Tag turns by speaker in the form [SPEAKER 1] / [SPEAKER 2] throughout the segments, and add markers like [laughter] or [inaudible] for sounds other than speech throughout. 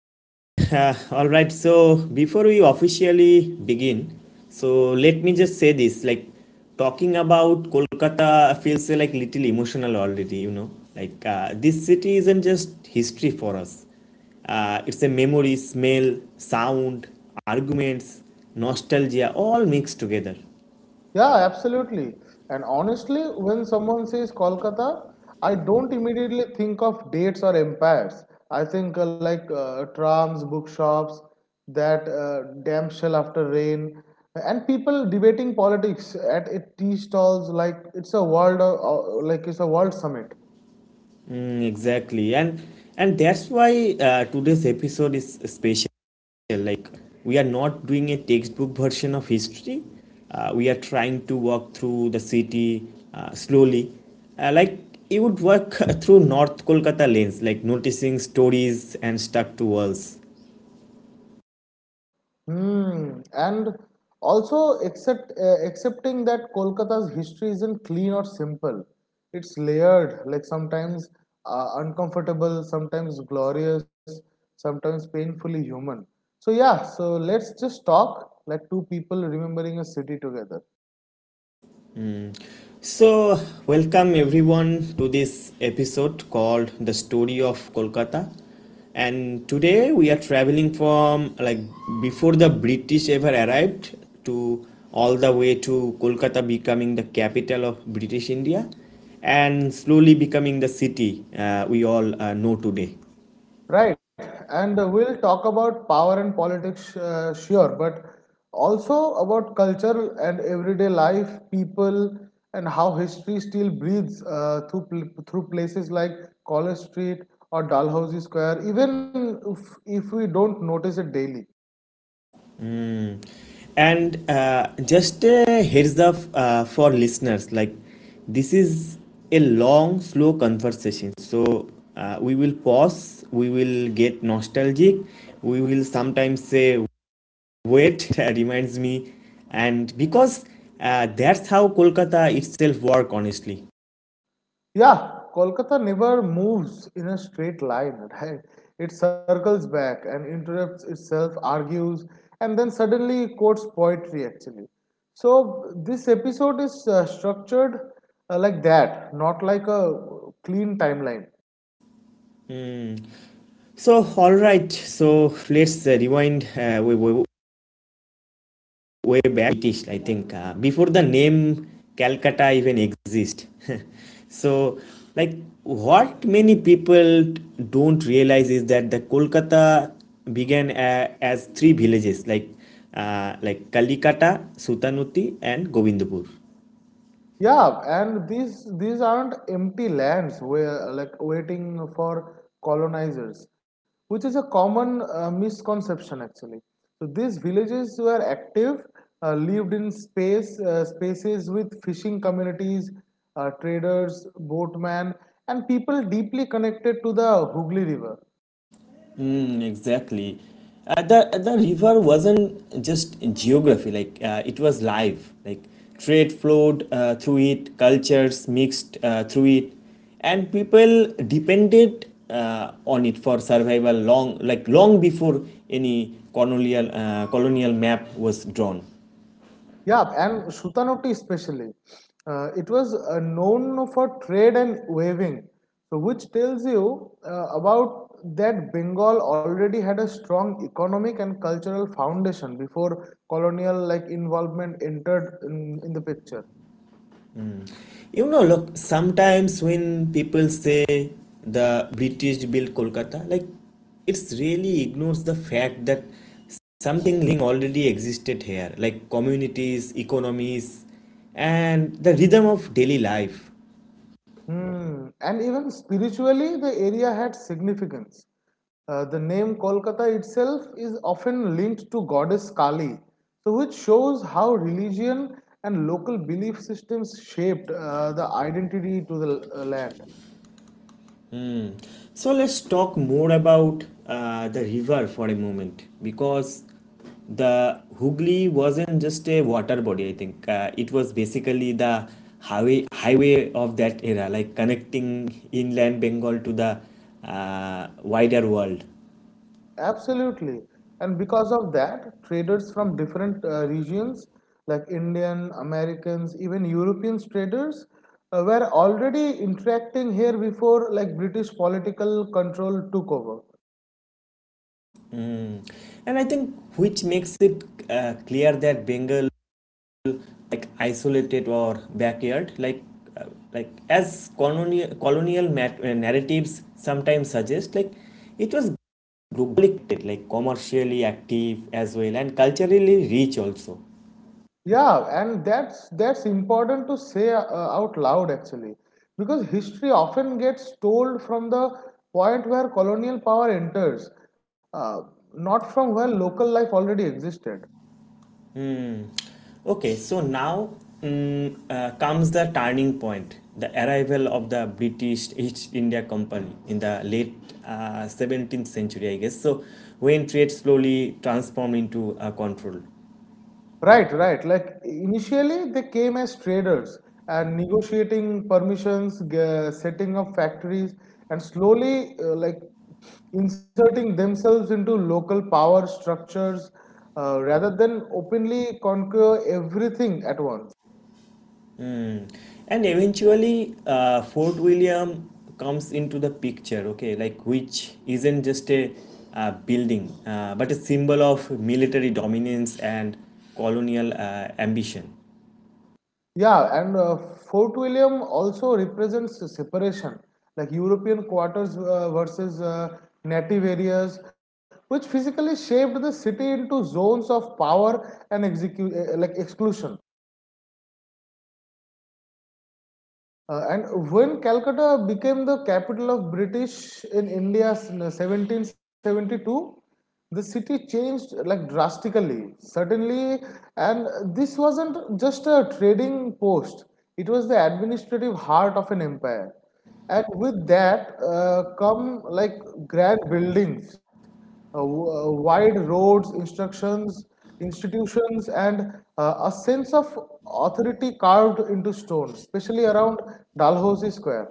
[SPEAKER 1] right, uh, all right. So before we officially begin, so let me just say this: like talking about Kolkata feels like little emotional already. You know, like this city isn't just history for us. It's a memory, smell, sound, arguments, nostalgia, all mixed together.
[SPEAKER 2] Yeah, absolutely. And honestly, when someone says Kolkata, I don't immediately think of dates or empires. I think like trams, bookshops, that damn shell after rain, and people debating politics at a tea stalls like it's a world summit.
[SPEAKER 1] Mm, exactly, and that's why today's episode is special, like we are not doing a textbook version of history. We are trying to walk through the city slowly, like you would walk [laughs] through north Kolkata lanes, like noticing stories and stuck to walls.
[SPEAKER 2] Hmm. And also, except accepting that Kolkata's history isn't clean or simple. It's layered, like sometimes uncomfortable, sometimes glorious, sometimes painfully human. So, yeah, so let's just talk like two people remembering a city together.
[SPEAKER 1] So, welcome everyone to this episode called The Story of Kolkata. And today we are traveling from, like, before the British ever arrived to all the way to Kolkata becoming the capital of British India and slowly becoming the city we all know today.
[SPEAKER 2] Right, and we'll talk about power and politics, sure, but also about culture and everyday life, people, and how history still breathes through places like College Street or Dalhousie Square, even if we don't notice it daily.
[SPEAKER 1] Mm. And just a heads up for listeners, like this is a long, slow conversation. So we will pause, we will get nostalgic, we will sometimes say, wait, [laughs] that reminds me. And because that's how Kolkata itself work, honestly.
[SPEAKER 2] Yeah, Kolkata never moves in a straight line, right? It circles back and interrupts itself, argues, and then suddenly quotes poetry, actually. So, this episode is structured like that, not like a clean timeline.
[SPEAKER 1] So all right, so let's rewind way, way, way back British, I think, before the name Calcutta even exist. [laughs] So, like, what many people don't realize is that the Kolkata began a as three villages, like Kalikata, Sutanuti, and Govindpur.
[SPEAKER 2] Yeah, and these aren't empty lands where like waiting for colonizers, which is a common misconception actually. So these villages were active, lived in spaces with fishing communities, traders, boatmen, and people deeply connected to the Hooghly River.
[SPEAKER 1] Mm, exactly. The river wasn't just geography; like it was live. Like trade flowed through it, cultures mixed through it, and people depended on it for survival long, like long before any colonial map was drawn.
[SPEAKER 2] Yeah, and Shutanoti especially. It was known for trade and weaving, so which tells you about that Bengal already had a strong economic and cultural foundation before colonial like involvement entered in the picture.
[SPEAKER 1] You know, look, sometimes when people say the British built Kolkata, like it's really ignores the fact that something living already existed here, like communities, economies, and the rhythm of daily life.
[SPEAKER 2] Hmm. And even spiritually, the area had significance. The name Kolkata itself is often linked to goddess Kali, so which shows how religion and local belief systems shaped the identity to the land.
[SPEAKER 1] So let's talk more about the river for a moment, because the Hooghly wasn't just a water body, I think. It was basically the highway of that era, like connecting inland Bengal to the wider world.
[SPEAKER 2] Absolutely. And because of that, traders from different regions, like Indian, Americans, even European traders, were already interacting here before like British political control took over.
[SPEAKER 1] Mm. And I think which makes it clear that Bengal, like isolated or backyard, uh, like as colonial narratives sometimes suggest, like it was globally, like commercially active as well, and culturally rich also.
[SPEAKER 2] Yeah, and that's important to say out loud actually, because history often gets told from the point where colonial power enters, uh, not from where local life already existed.
[SPEAKER 1] Hmm. Okay, so now, comes the turning point, the arrival of the British East India Company in the late 17th century, I guess, so when trade slowly transformed into control.
[SPEAKER 2] Right, right. Like initially, they came as traders and negotiating permissions, setting up factories, and slowly, like inserting themselves into local power structures rather than openly conquer everything at once.
[SPEAKER 1] Hmm. And eventually, Fort William comes into the picture, okay, like which isn't just a building, but a symbol of military dominance and colonial ambition.
[SPEAKER 2] Yeah, and Fort William also represents separation, like European quarters versus native areas, which physically shaped the city into zones of power and exclusion. And when Calcutta became the capital of British in India in 1772, the city changed like drastically, suddenly. And this wasn't just a trading post, it was the administrative heart of an empire, and with that come like grand buildings, wide roads, instructions institutions, and a sense of authority carved into stone, especially around Dalhousie Square.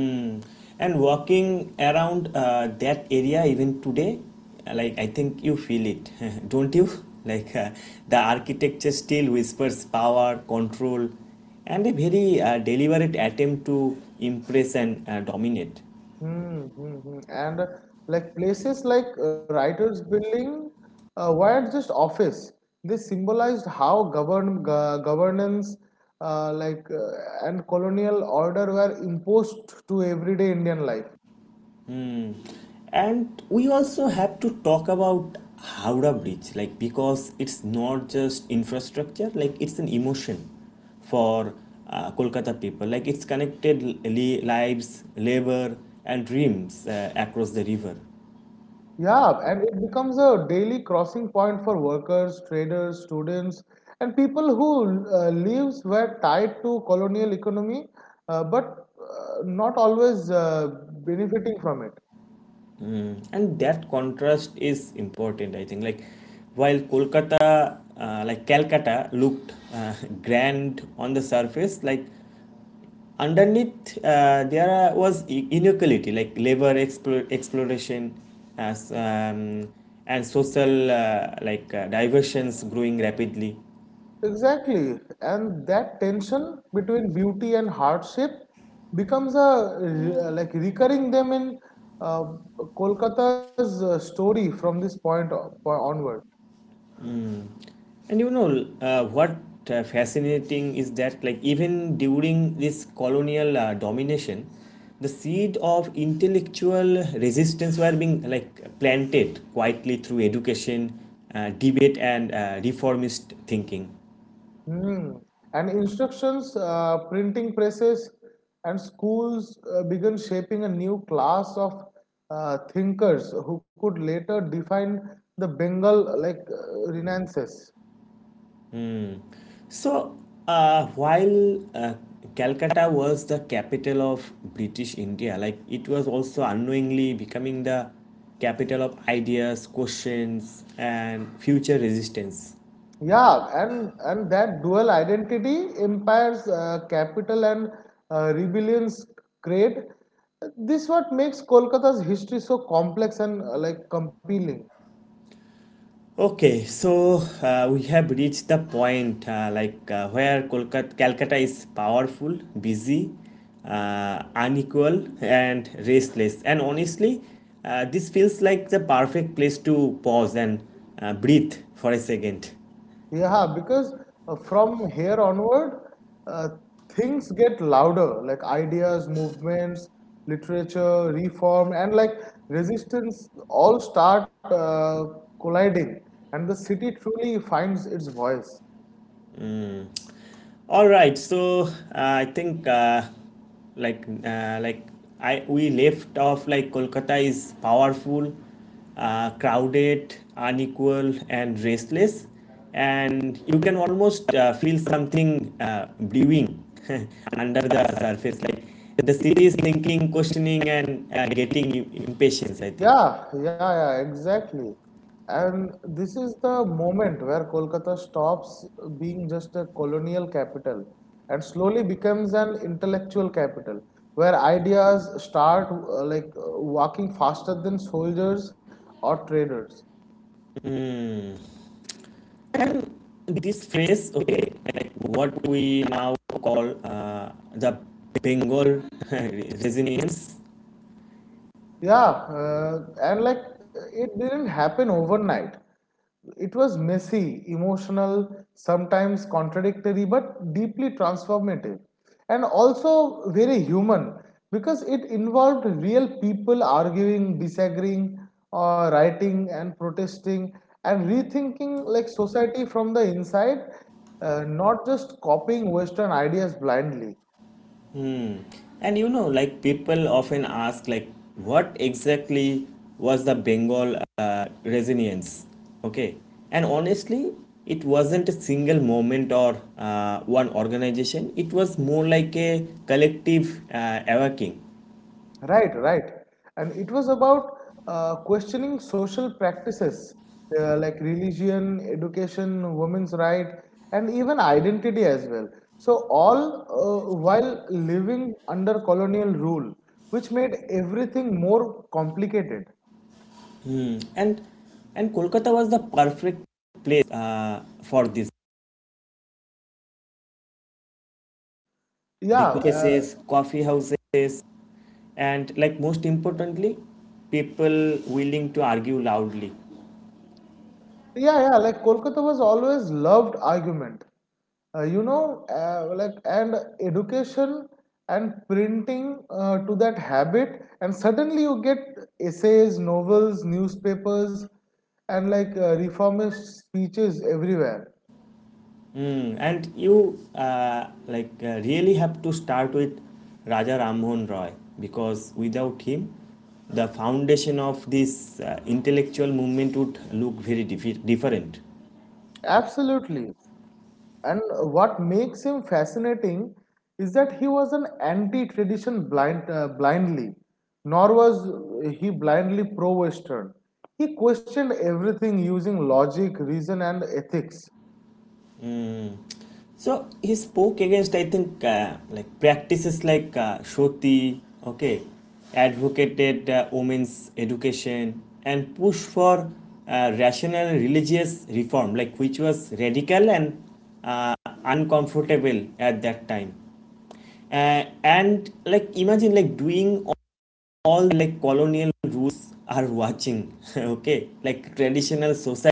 [SPEAKER 1] Mm. And walking around that area even today, like I think you feel it, [laughs] don't you? Like the architecture still whispers power, control, and a very deliberate attempt to impress and dominate.
[SPEAKER 2] Hmm, hmm, hmm. And like places like writers building weren't just office, they symbolized how governance uh, like uh, and colonial order were imposed to everyday Indian life.
[SPEAKER 1] And we also have to talk about Howrah Bridge, like because it's not just infrastructure, like it's an emotion for Kolkata people. Like it's connected lives, labor, and dreams across the river.
[SPEAKER 2] Yeah, and it becomes a daily crossing point for workers, traders, students, and people who lives were tied to colonial economy, but not always benefiting from it.
[SPEAKER 1] And that contrast is important, I think. Like while Kolkata, like Calcutta, looked [laughs] grand on the surface, like underneath there was inequality, like labor exploration as and social like diversions growing rapidly.
[SPEAKER 2] Exactly, and that tension between beauty and hardship becomes a recurring them in uh, Kolkata's story from this point onward.
[SPEAKER 1] And you know what fascinating is that, like, even during this colonial domination, the seed of intellectual resistance were being, like, planted quietly through education, debate, and reformist thinking.
[SPEAKER 2] Hmm. And instructions, printing presses, and schools began shaping a new class of thinkers who could later define the Bengal like Renaissance.
[SPEAKER 1] So, while Calcutta was the capital of British India, like it was also unknowingly becoming the capital of ideas, questions, and future resistance.
[SPEAKER 2] Yeah, and that dual identity, empires, capital, and rebellions create. This what makes Kolkata's history so complex and like compelling.
[SPEAKER 1] Okay, so we have reached the point like where Kolkata, Calcutta is powerful, busy, unequal, and restless. And honestly, this feels like the perfect place to pause and breathe for a second.
[SPEAKER 2] Yeah, because from here onward, uh, things get louder, like ideas, movements, literature, reform, and like resistance all start colliding, and the city truly finds its voice.
[SPEAKER 1] All right, so I think like I we left off, like, Kolkata is powerful, crowded, unequal, and restless, and you can almost feel something brewing [laughs] under the surface. Like the city is thinking, questioning, and getting impatience. I think.
[SPEAKER 2] Yeah, yeah, yeah, exactly. And this is the moment where Kolkata stops being just a colonial capital and slowly becomes an intellectual capital where ideas start like walking faster than soldiers or traders.
[SPEAKER 1] Hmm. This phrase, okay, like, what we now call the Bengal [laughs] resonance.
[SPEAKER 2] Yeah, and like it didn't happen overnight. It was messy, emotional, sometimes contradictory, but deeply transformative. And also very human because it involved real people arguing, disagreeing, writing, and protesting, and rethinking like society from the inside, not just copying Western ideas blindly.
[SPEAKER 1] And you know, like, people often ask, like, what exactly was the Bengal resonance, okay, and honestly, it wasn't a single moment or one organization. It was more like a collective awakening.
[SPEAKER 2] Right, right. And it was about questioning social practices, like religion, education, women's right, and even identity as well. So all while living under colonial rule, which made everything more complicated.
[SPEAKER 1] Hmm. And Kolkata was the perfect place for this,
[SPEAKER 2] Yeah,
[SPEAKER 1] cases, coffee houses, and, like, most importantly, people willing to argue loudly.
[SPEAKER 2] yeah, yeah, like Kolkata was always loved argument. You know, like and education and printing to that habit, and suddenly you get essays, novels, newspapers, and like reformist speeches everywhere.
[SPEAKER 1] Mm, and you like really have to start with Raja Rammohn Roy, because without him, the foundation of this intellectual movement would look very different.
[SPEAKER 2] Absolutely. And what makes him fascinating is that he was an anti-tradition blindly, nor was he blindly pro-Western. He questioned everything using logic, reason, and ethics.
[SPEAKER 1] So he spoke against, I think, like practices like Shoti, okay, advocated women's education, and pushed for rational religious reform, like which was radical and uh, uncomfortable at that time. And like imagine like doing all, like colonial rules are watching, [laughs] okay, like traditional society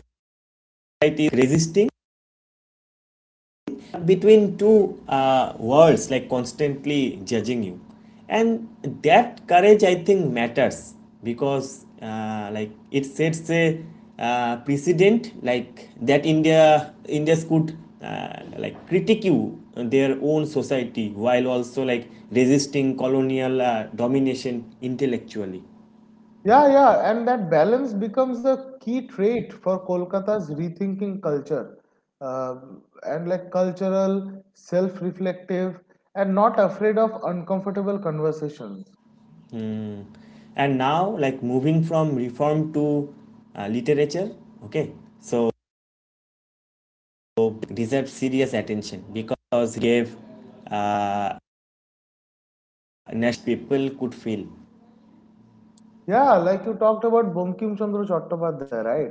[SPEAKER 1] resisting between two worlds, like constantly judging you, and that courage, I think, matters because like it sets a precedent, like that Indians could like critique you their own society while also, like, resisting colonial domination intellectually.
[SPEAKER 2] Yeah, yeah, and that balance becomes a key trait for Kolkata's rethinking culture, uh, and like cultural, self-reflective, and not afraid of uncomfortable conversations.
[SPEAKER 1] Hmm. And now, like, moving from reform to literature, okay, so deserved serious attention because he gave uh, national people could feel.
[SPEAKER 2] Yeah, like you talked about Bankim Chandra Chattopadhyay, right?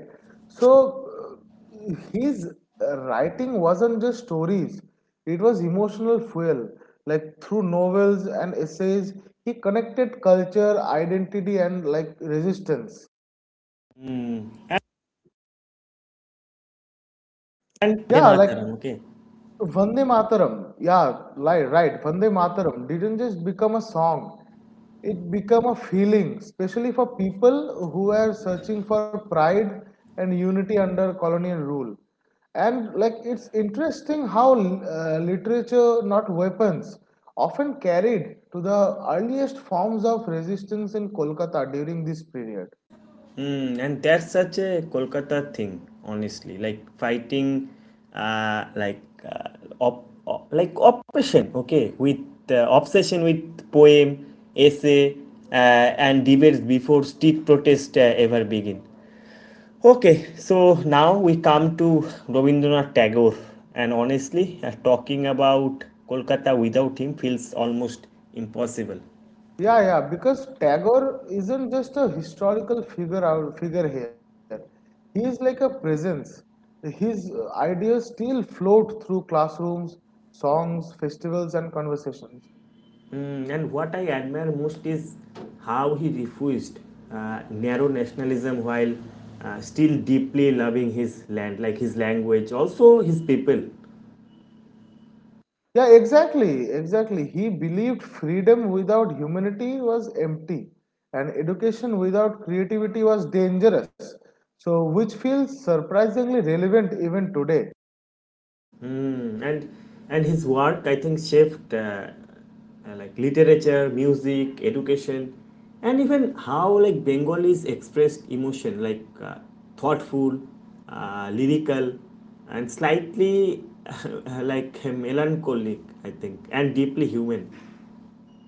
[SPEAKER 2] So his writing wasn't just stories; it was emotional fuel. Like through novels and essays, he connected culture, identity, and like resistance.
[SPEAKER 1] Mm. And Vande
[SPEAKER 2] Yeah, like
[SPEAKER 1] Mataram, okay.
[SPEAKER 2] Vande Mataram, yeah, like, right. Vande Mataram didn't just become a song, it became a feeling, especially for people who are searching for pride and unity under colonial rule. And like, it's interesting how literature, not weapons, often carried to the earliest forms of resistance in Kolkata during this period.
[SPEAKER 1] Mm, and that's such a Kolkata thing, honestly. Like fighting, like like oppression, okay, with obsession with poem, essay, and debates before street protest ever begin. Okay, so now we come to Rabindranath Tagore, and honestly, talking about Kolkata without him feels almost impossible.
[SPEAKER 2] Yeah, yeah, because Tagore isn't just a historical figure here. He is like a presence. His ideas still float through classrooms, songs, festivals, and conversations.
[SPEAKER 1] Mm, and what I admire most is how he refused narrow nationalism while still deeply loving his land, like his language, also his people.
[SPEAKER 2] Yeah, exactly, exactly. He believed freedom without humanity was empty, and education without creativity was dangerous. So, which feels surprisingly relevant even today.
[SPEAKER 1] Hmm. And his work, I think, shaped like literature, music, education, and even how, like, Bengalis expressed emotion, like thoughtful, lyrical, and slightly [laughs] like melancholic, I think, and deeply human.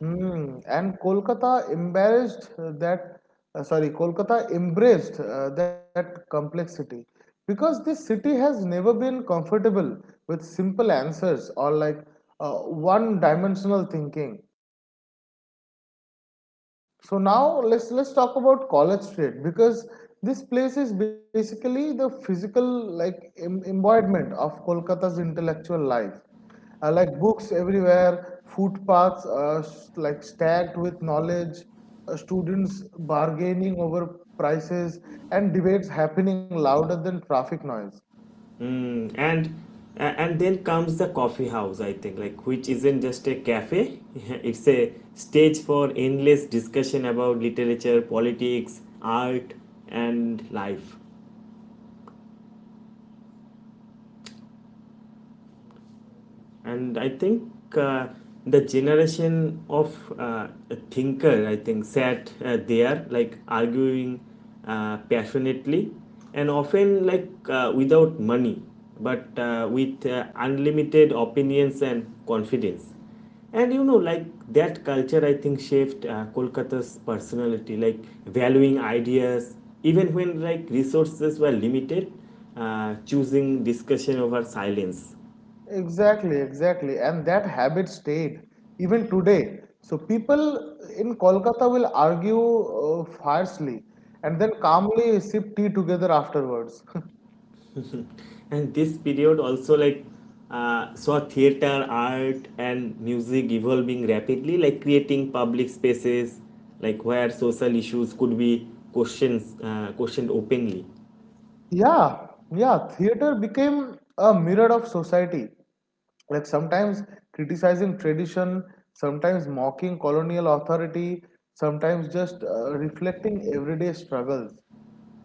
[SPEAKER 2] Hmm, and Kolkata embraced that complexity, because this city has never been comfortable with simple answers or like one dimensional thinking. So now let's talk about College Street, because this place is basically the physical like embodiment of Kolkata's intellectual life. Like books everywhere, footpaths like stacked with knowledge, students bargaining over prices, and debates happening louder than traffic noise.
[SPEAKER 1] Mm, and and then comes the coffee house, I think, like which isn't just a cafe. [laughs] It's a stage for endless discussion about literature, politics, art, and life. And I think uh, the generation of thinker, I think, sat there, like, arguing passionately and often like without money, but with unlimited opinions and confidence. And you know, like, that culture, I think, shaped Kolkata's personality, like valuing ideas even when, like, resources were limited, choosing discussion over silence.
[SPEAKER 2] Exactly, exactly. And that habit stayed even today. So people in Kolkata will argue fiercely and then calmly sip tea together afterwards. [laughs]
[SPEAKER 1] And this period also, like, saw theater, art, and music evolving rapidly, like creating public spaces, like where social issues could be questions questioned openly.
[SPEAKER 2] Yeah, yeah, theater became a mirror of society. Like sometimes criticizing tradition, sometimes mocking colonial authority, sometimes just reflecting everyday struggles.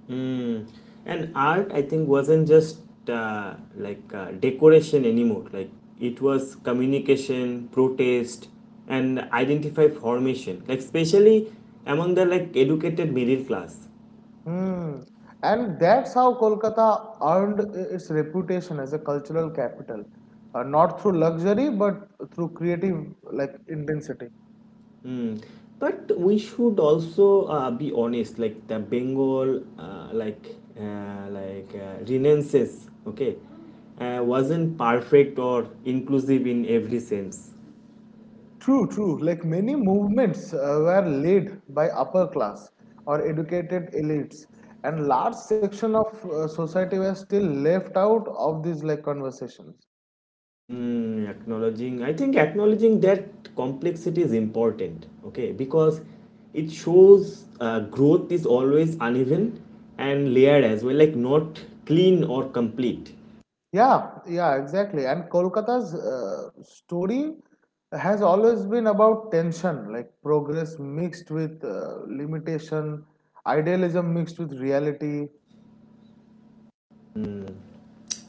[SPEAKER 1] Mm. And art, I think, wasn't just like decoration anymore, like it was communication, protest, and identify formation, like especially among the, like, educated middle class.
[SPEAKER 2] Hmm. And that's how Kolkata earned its reputation as a cultural capital, not through luxury but through creative like intensity.
[SPEAKER 1] But we should also be honest, like the Bengal, Renaissance, okay, wasn't perfect or inclusive in every sense.
[SPEAKER 2] True, true. Like many movements were led by upper class or educated elites, and large section of society were still left out of these like conversations.
[SPEAKER 1] Mm, acknowledging, I think acknowledging that complexity is important, okay, because it shows growth is always uneven and layered as well, like not clean or complete.
[SPEAKER 2] Yeah, yeah, exactly. And Kolkata's story has always been about tension, like progress mixed with limitation, idealism mixed with reality.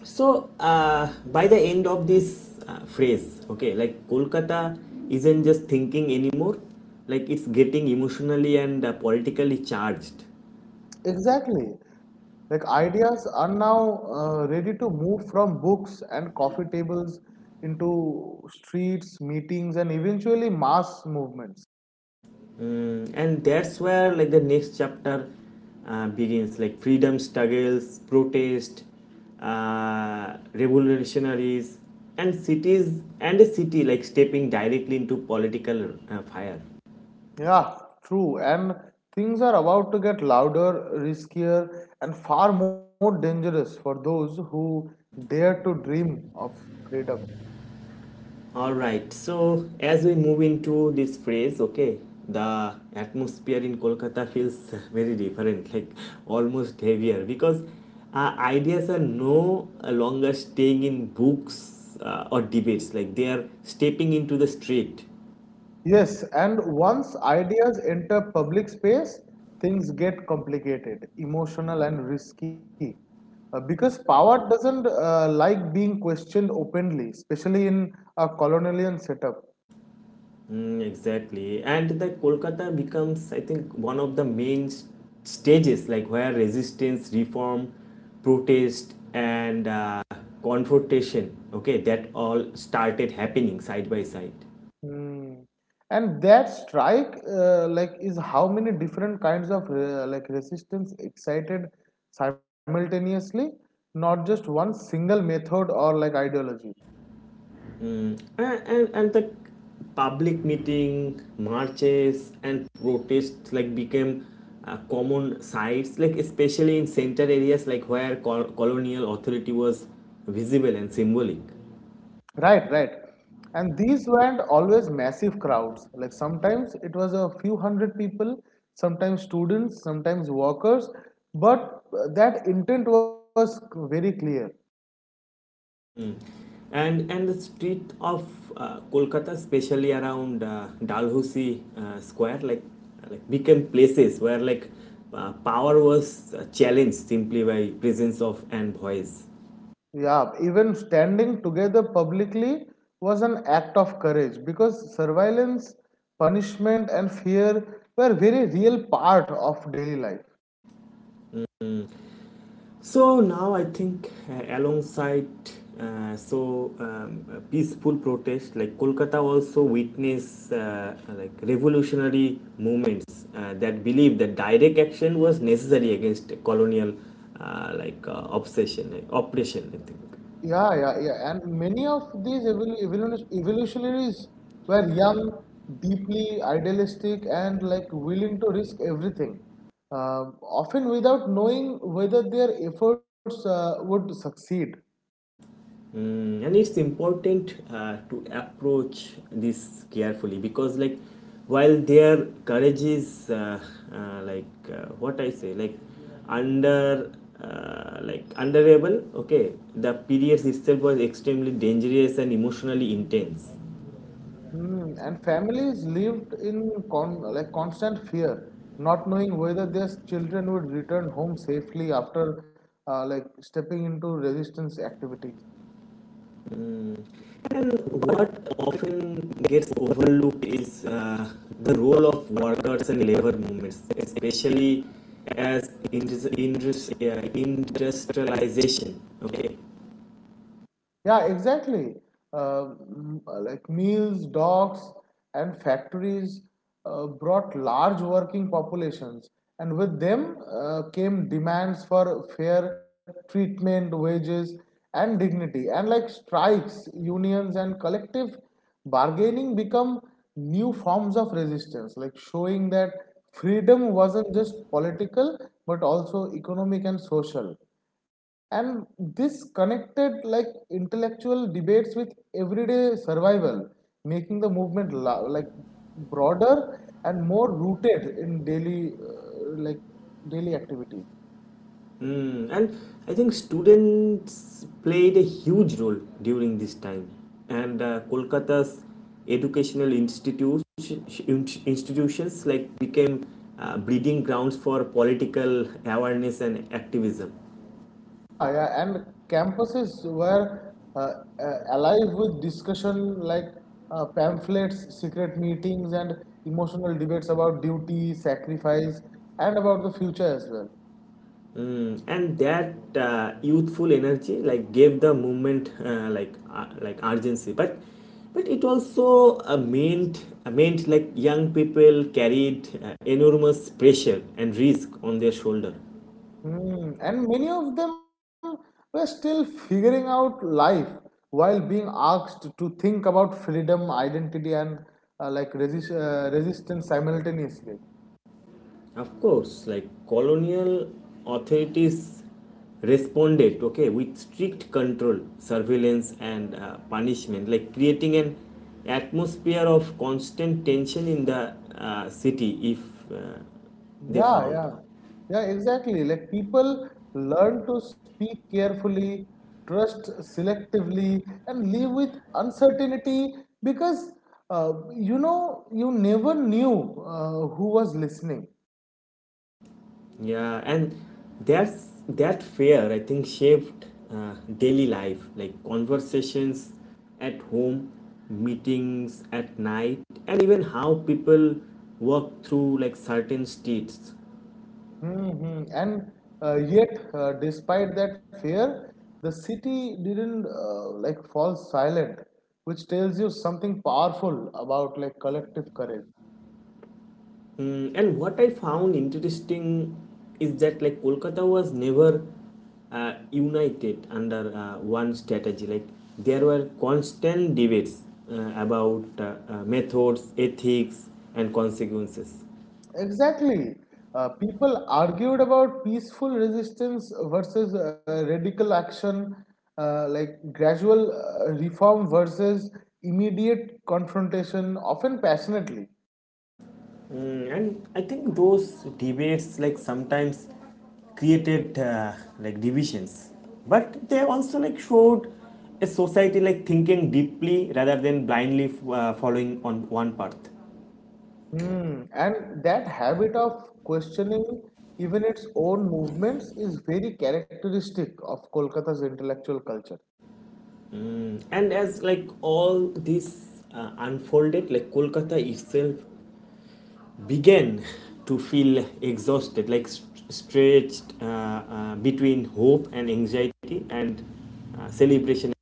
[SPEAKER 1] So, by the end of this phrase, okay, like Kolkata isn't just thinking anymore, like it's getting emotionally and politically charged.
[SPEAKER 2] Exactly. Like ideas are now ready to move from books and coffee tables into streets, meetings, and eventually mass movements.
[SPEAKER 1] Mm, and that's where, like, the next chapter begins, like freedom struggles, protest, revolutionaries, and cities, and a city, like, stepping directly into political fire.
[SPEAKER 2] Yeah, true. And things are about to get louder, riskier, and far more dangerous for those who dare to dream of freedom.
[SPEAKER 1] All right. So as we move into this phrase, okay, the atmosphere in Kolkata feels very different, like almost heavier, because ideas are no longer staying in books or debates. Like they are stepping into the street.
[SPEAKER 2] Yes, and once ideas enter public space, things get complicated, emotional, and risky. Because power doesn't like being questioned openly, especially in a colonial setup.
[SPEAKER 1] Mm, exactly. And the Kolkata becomes, I think, one of the main stages, like where resistance, reform, protest, and confrontation, okay, that all started happening side by side.
[SPEAKER 2] Hmm. And that strike, like, is how many different kinds of like resistance excited simultaneously, not just one single method or like ideology.
[SPEAKER 1] And the public meeting, marches, and protests, like, became common sites, like especially in center areas, like where colonial authority was visible and symbolic.
[SPEAKER 2] Right, right. And these weren't always massive crowds. Like sometimes it was a few hundred people, sometimes students, sometimes workers, but that intent was very clear.
[SPEAKER 1] Mm. And the street of Kolkata, especially around Dalhousie Square, like became places where, like, power was challenged simply by presence of and voice.
[SPEAKER 2] Yeah, even standing together publicly was an act of courage because surveillance, punishment, and fear were very real part of daily life.
[SPEAKER 1] So now I think, alongside peaceful protest, like Kolkata also witnessed like revolutionary movements that believed that direct action was necessary against colonial like obsession oppression, I think.
[SPEAKER 2] Yeah, yeah, yeah. And many of these evolutionaries were young, deeply idealistic, and like willing to risk everything, uh, often without knowing whether their efforts would succeed.
[SPEAKER 1] Mm. And it's important to approach this carefully because like while their courage is uh, what I say like under like underable, okay, the periods itself was extremely dangerous and emotionally intense.
[SPEAKER 2] And families lived in con like constant fear, not knowing whether their children would return home safely after like stepping into resistance activities.
[SPEAKER 1] And what often gets overlooked is the role of workers and labor movements, especially as industrialization. Okay.
[SPEAKER 2] Yeah, exactly. Like mills, docks, and factories brought large working populations, and with them came demands for fair treatment, wages, and dignity. And like strikes, unions, and collective bargaining become new forms of resistance, like showing that freedom wasn't just political but also economic and social, and this connected like intellectual debates with everyday survival, making the movement like broader and more rooted in daily activities.
[SPEAKER 1] And I think students played a huge role during this time, and Kolkata's educational institutes institutions like became breeding grounds for political awareness and activism.
[SPEAKER 2] Yeah, yeah, and campuses were uh, alive with discussion, like pamphlets, secret meetings, and emotional debates about duty, sacrifice, and about the future as well.
[SPEAKER 1] And that youthful energy like gave the movement like urgency, but it also meant like young people carried enormous pressure and risk on their shoulder.
[SPEAKER 2] And many of them were still figuring out life while being asked to think about freedom, identity, and like resistance simultaneously.
[SPEAKER 1] Of course, like colonial authorities responded, okay, with strict control, surveillance, and punishment, like creating an atmosphere of constant tension in the city if they
[SPEAKER 2] Yeah,
[SPEAKER 1] found.
[SPEAKER 2] yeah, yeah, exactly. Like people learn to speak carefully, trust selectively, and live with uncertainty, because you never knew who was listening.
[SPEAKER 1] Yeah, and that fear I think shaped daily life, like conversations at home, meetings at night, and even how people walk through like certain streets.
[SPEAKER 2] And yet, despite that fear, the city didn't like fall silent, which tells you something powerful about like collective courage.
[SPEAKER 1] And what I found interesting is that like Kolkata was never united under one strategy. Like there were constant debates about methods, ethics, and consequences.
[SPEAKER 2] Exactly. People argued about peaceful resistance versus radical action, like gradual reform versus immediate confrontation, often passionately.
[SPEAKER 1] And I think those debates like sometimes created like divisions, but they also like showed a society like thinking deeply rather than blindly following on one path.
[SPEAKER 2] And that habit of questioning even its own movements is very characteristic of Kolkata's intellectual culture.
[SPEAKER 1] And as like all this unfolded, like Kolkata itself began [laughs] to feel exhausted, like st- stretched between hope and anxiety and celebration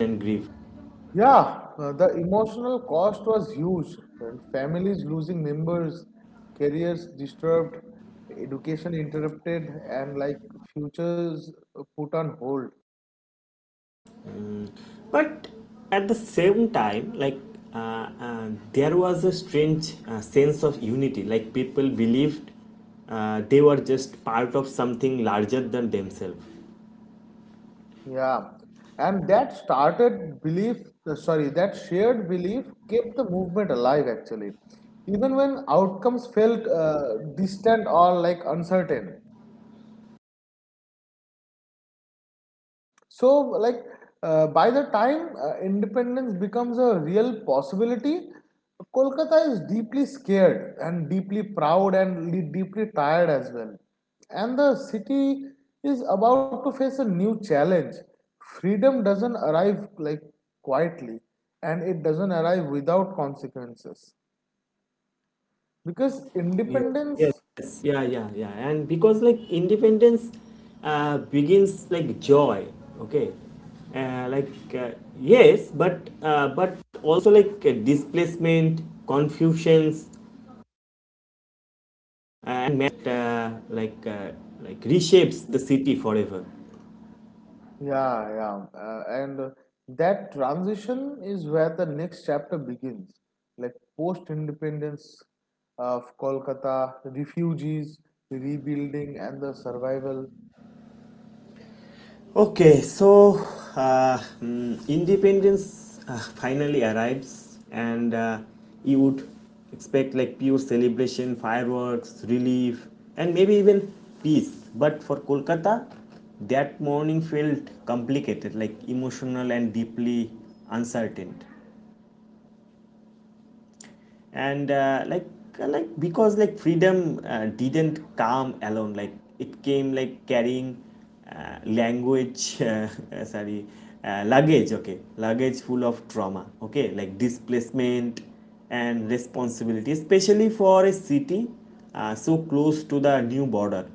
[SPEAKER 1] and grief.
[SPEAKER 2] Yeah, the emotional cost was huge, and families losing members, careers disturbed, education interrupted, and like futures put on hold.
[SPEAKER 1] But at the same time like there was a strange sense of unity, like people believed they were just part of something larger than themselves.
[SPEAKER 2] Yeah, and that shared belief kept the movement alive actually, even when outcomes felt distant or like uncertain. So, like, by the time independence becomes a real possibility, Kolkata is deeply scared and deeply proud and deeply tired as well. And the city is about to face a new challenge. Freedom doesn't arrive like quietly, and it doesn't arrive without consequences, because
[SPEAKER 1] Yeah.
[SPEAKER 2] independence.
[SPEAKER 1] Yes, yeah, and because like independence begins like joy, okay, uh, like uh, yes, but also like displacement, confusions, and Matt like reshapes the city forever.
[SPEAKER 2] Yeah, yeah. And that transition is where the next chapter begins. Like post independence of Kolkata, refugees, rebuilding, and the survival.
[SPEAKER 1] Okay, so independence finally arrives, and you would expect like pure celebration, fireworks, relief, and maybe even peace. But for Kolkata, that morning felt complicated, like emotional and deeply uncertain. And because like freedom didn't come alone, like it came like carrying language. [laughs] Sorry, luggage, okay, luggage full of trauma, okay, like displacement and responsibility, especially for a city so close to the new border.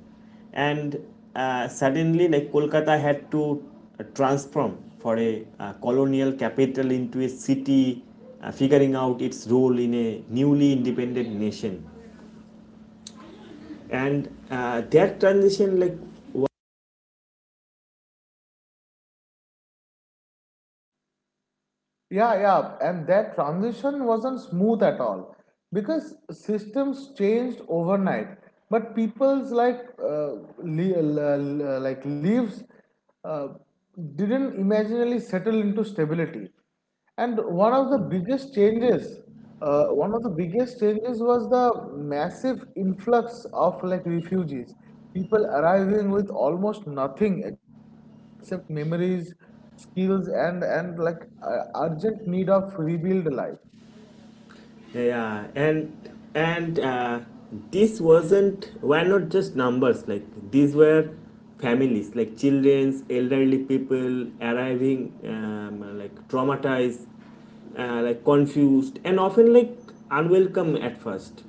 [SPEAKER 1] And suddenly like Kolkata had to transform for a colonial capital into a city figuring out its role in a newly independent nation. And that transition like...
[SPEAKER 2] Yeah, yeah, and that transition wasn't smooth at all, because systems changed overnight. But people's like like leaves uh, didn't imaginarily settle into stability. And one of the biggest changes one of the biggest changes was the massive influx of like refugees, people arriving with almost nothing except memories, skills, and like urgent need of rebuild life.
[SPEAKER 1] Yeah, and this wasn't were not just numbers. Like these were families, like childrens, elderly people arriving, like traumatized, like confused, and often like unwelcome at first.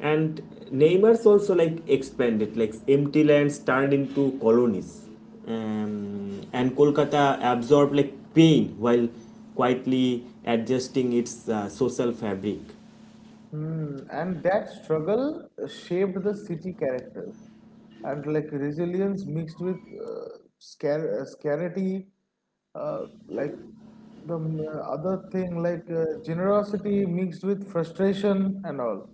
[SPEAKER 1] And neighbors also like expanded, like empty lands turned into colonies. And Kolkata absorbed like pain while quietly adjusting its social fabric.
[SPEAKER 2] And that struggle shaped the city characters, and like resilience mixed with uh, scarcity, uh, like the other thing, like generosity mixed with frustration and all.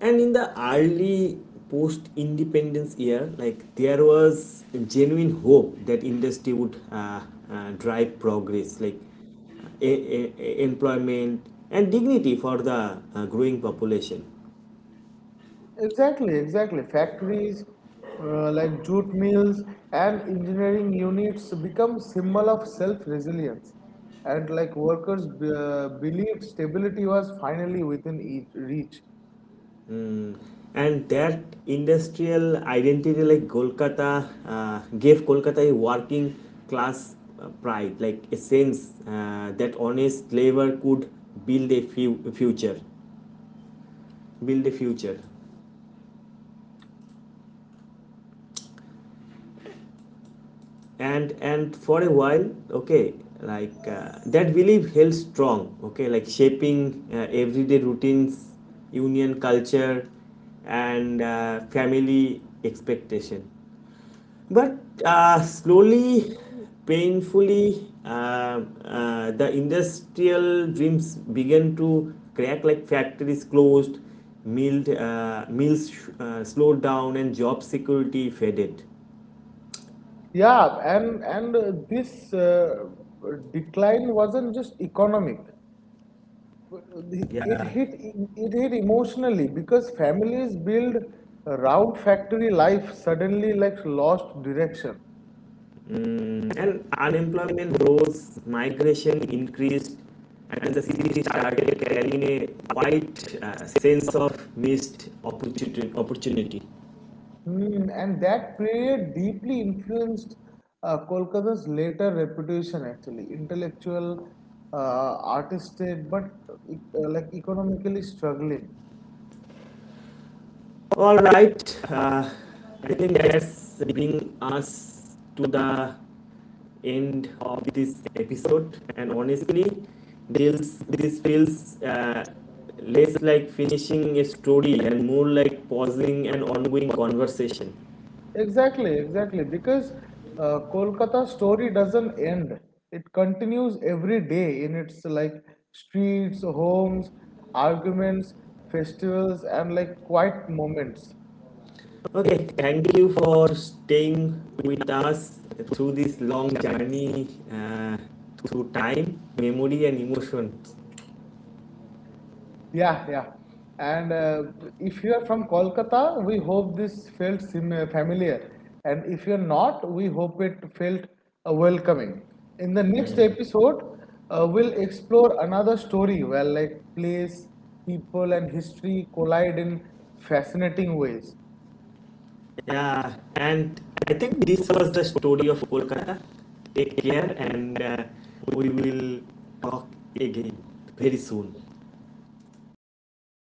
[SPEAKER 1] And in the early post independence year, like there was genuine hope that industry would drive progress, like employment and dignity for the growing population.
[SPEAKER 2] Exactly, exactly. Factories, like jute mills and engineering units become symbol of self-resilience, and like workers believed stability was finally within each reach.
[SPEAKER 1] And that industrial identity, like Kolkata gave Kolkata a working class pride, like a sense that honest labor could future build a future. And for a while, okay, like that belief held strong, okay, like shaping everyday routines, union culture, and family expectation. But slowly, painfully, the industrial dreams began to crack, like factories closed, mills slowed down, and job security faded.
[SPEAKER 2] Yeah, and this decline wasn't just economic. It hit it hit emotionally, because families build around factory life suddenly like lost direction.
[SPEAKER 1] And unemployment rose, migration increased, and the city started carrying a quite sense of missed opportunity.
[SPEAKER 2] And that period deeply influenced Kolkata's later reputation, actually, intellectual, artistic, but like economically struggling.
[SPEAKER 1] All right. I think that's bringing us to the end of this episode. And honestly, this feels less like finishing a story and more like pausing an ongoing conversation.
[SPEAKER 2] Exactly, exactly, because Kolkata story doesn't end; it continues every day in its like streets, homes, arguments, festivals, and like quiet moments.
[SPEAKER 1] Okay, thank you for staying with us through this long journey, through time, memory, and emotions.
[SPEAKER 2] Yeah, yeah. And if you are from Kolkata, we hope this felt sim familiar. And if you're not, we hope it felt welcoming. In the next episode, we'll explore another story where like place, people, and history collide in fascinating ways.
[SPEAKER 1] Yeah, and I think this was the story of Kolkata. Take care, and we will talk again very soon.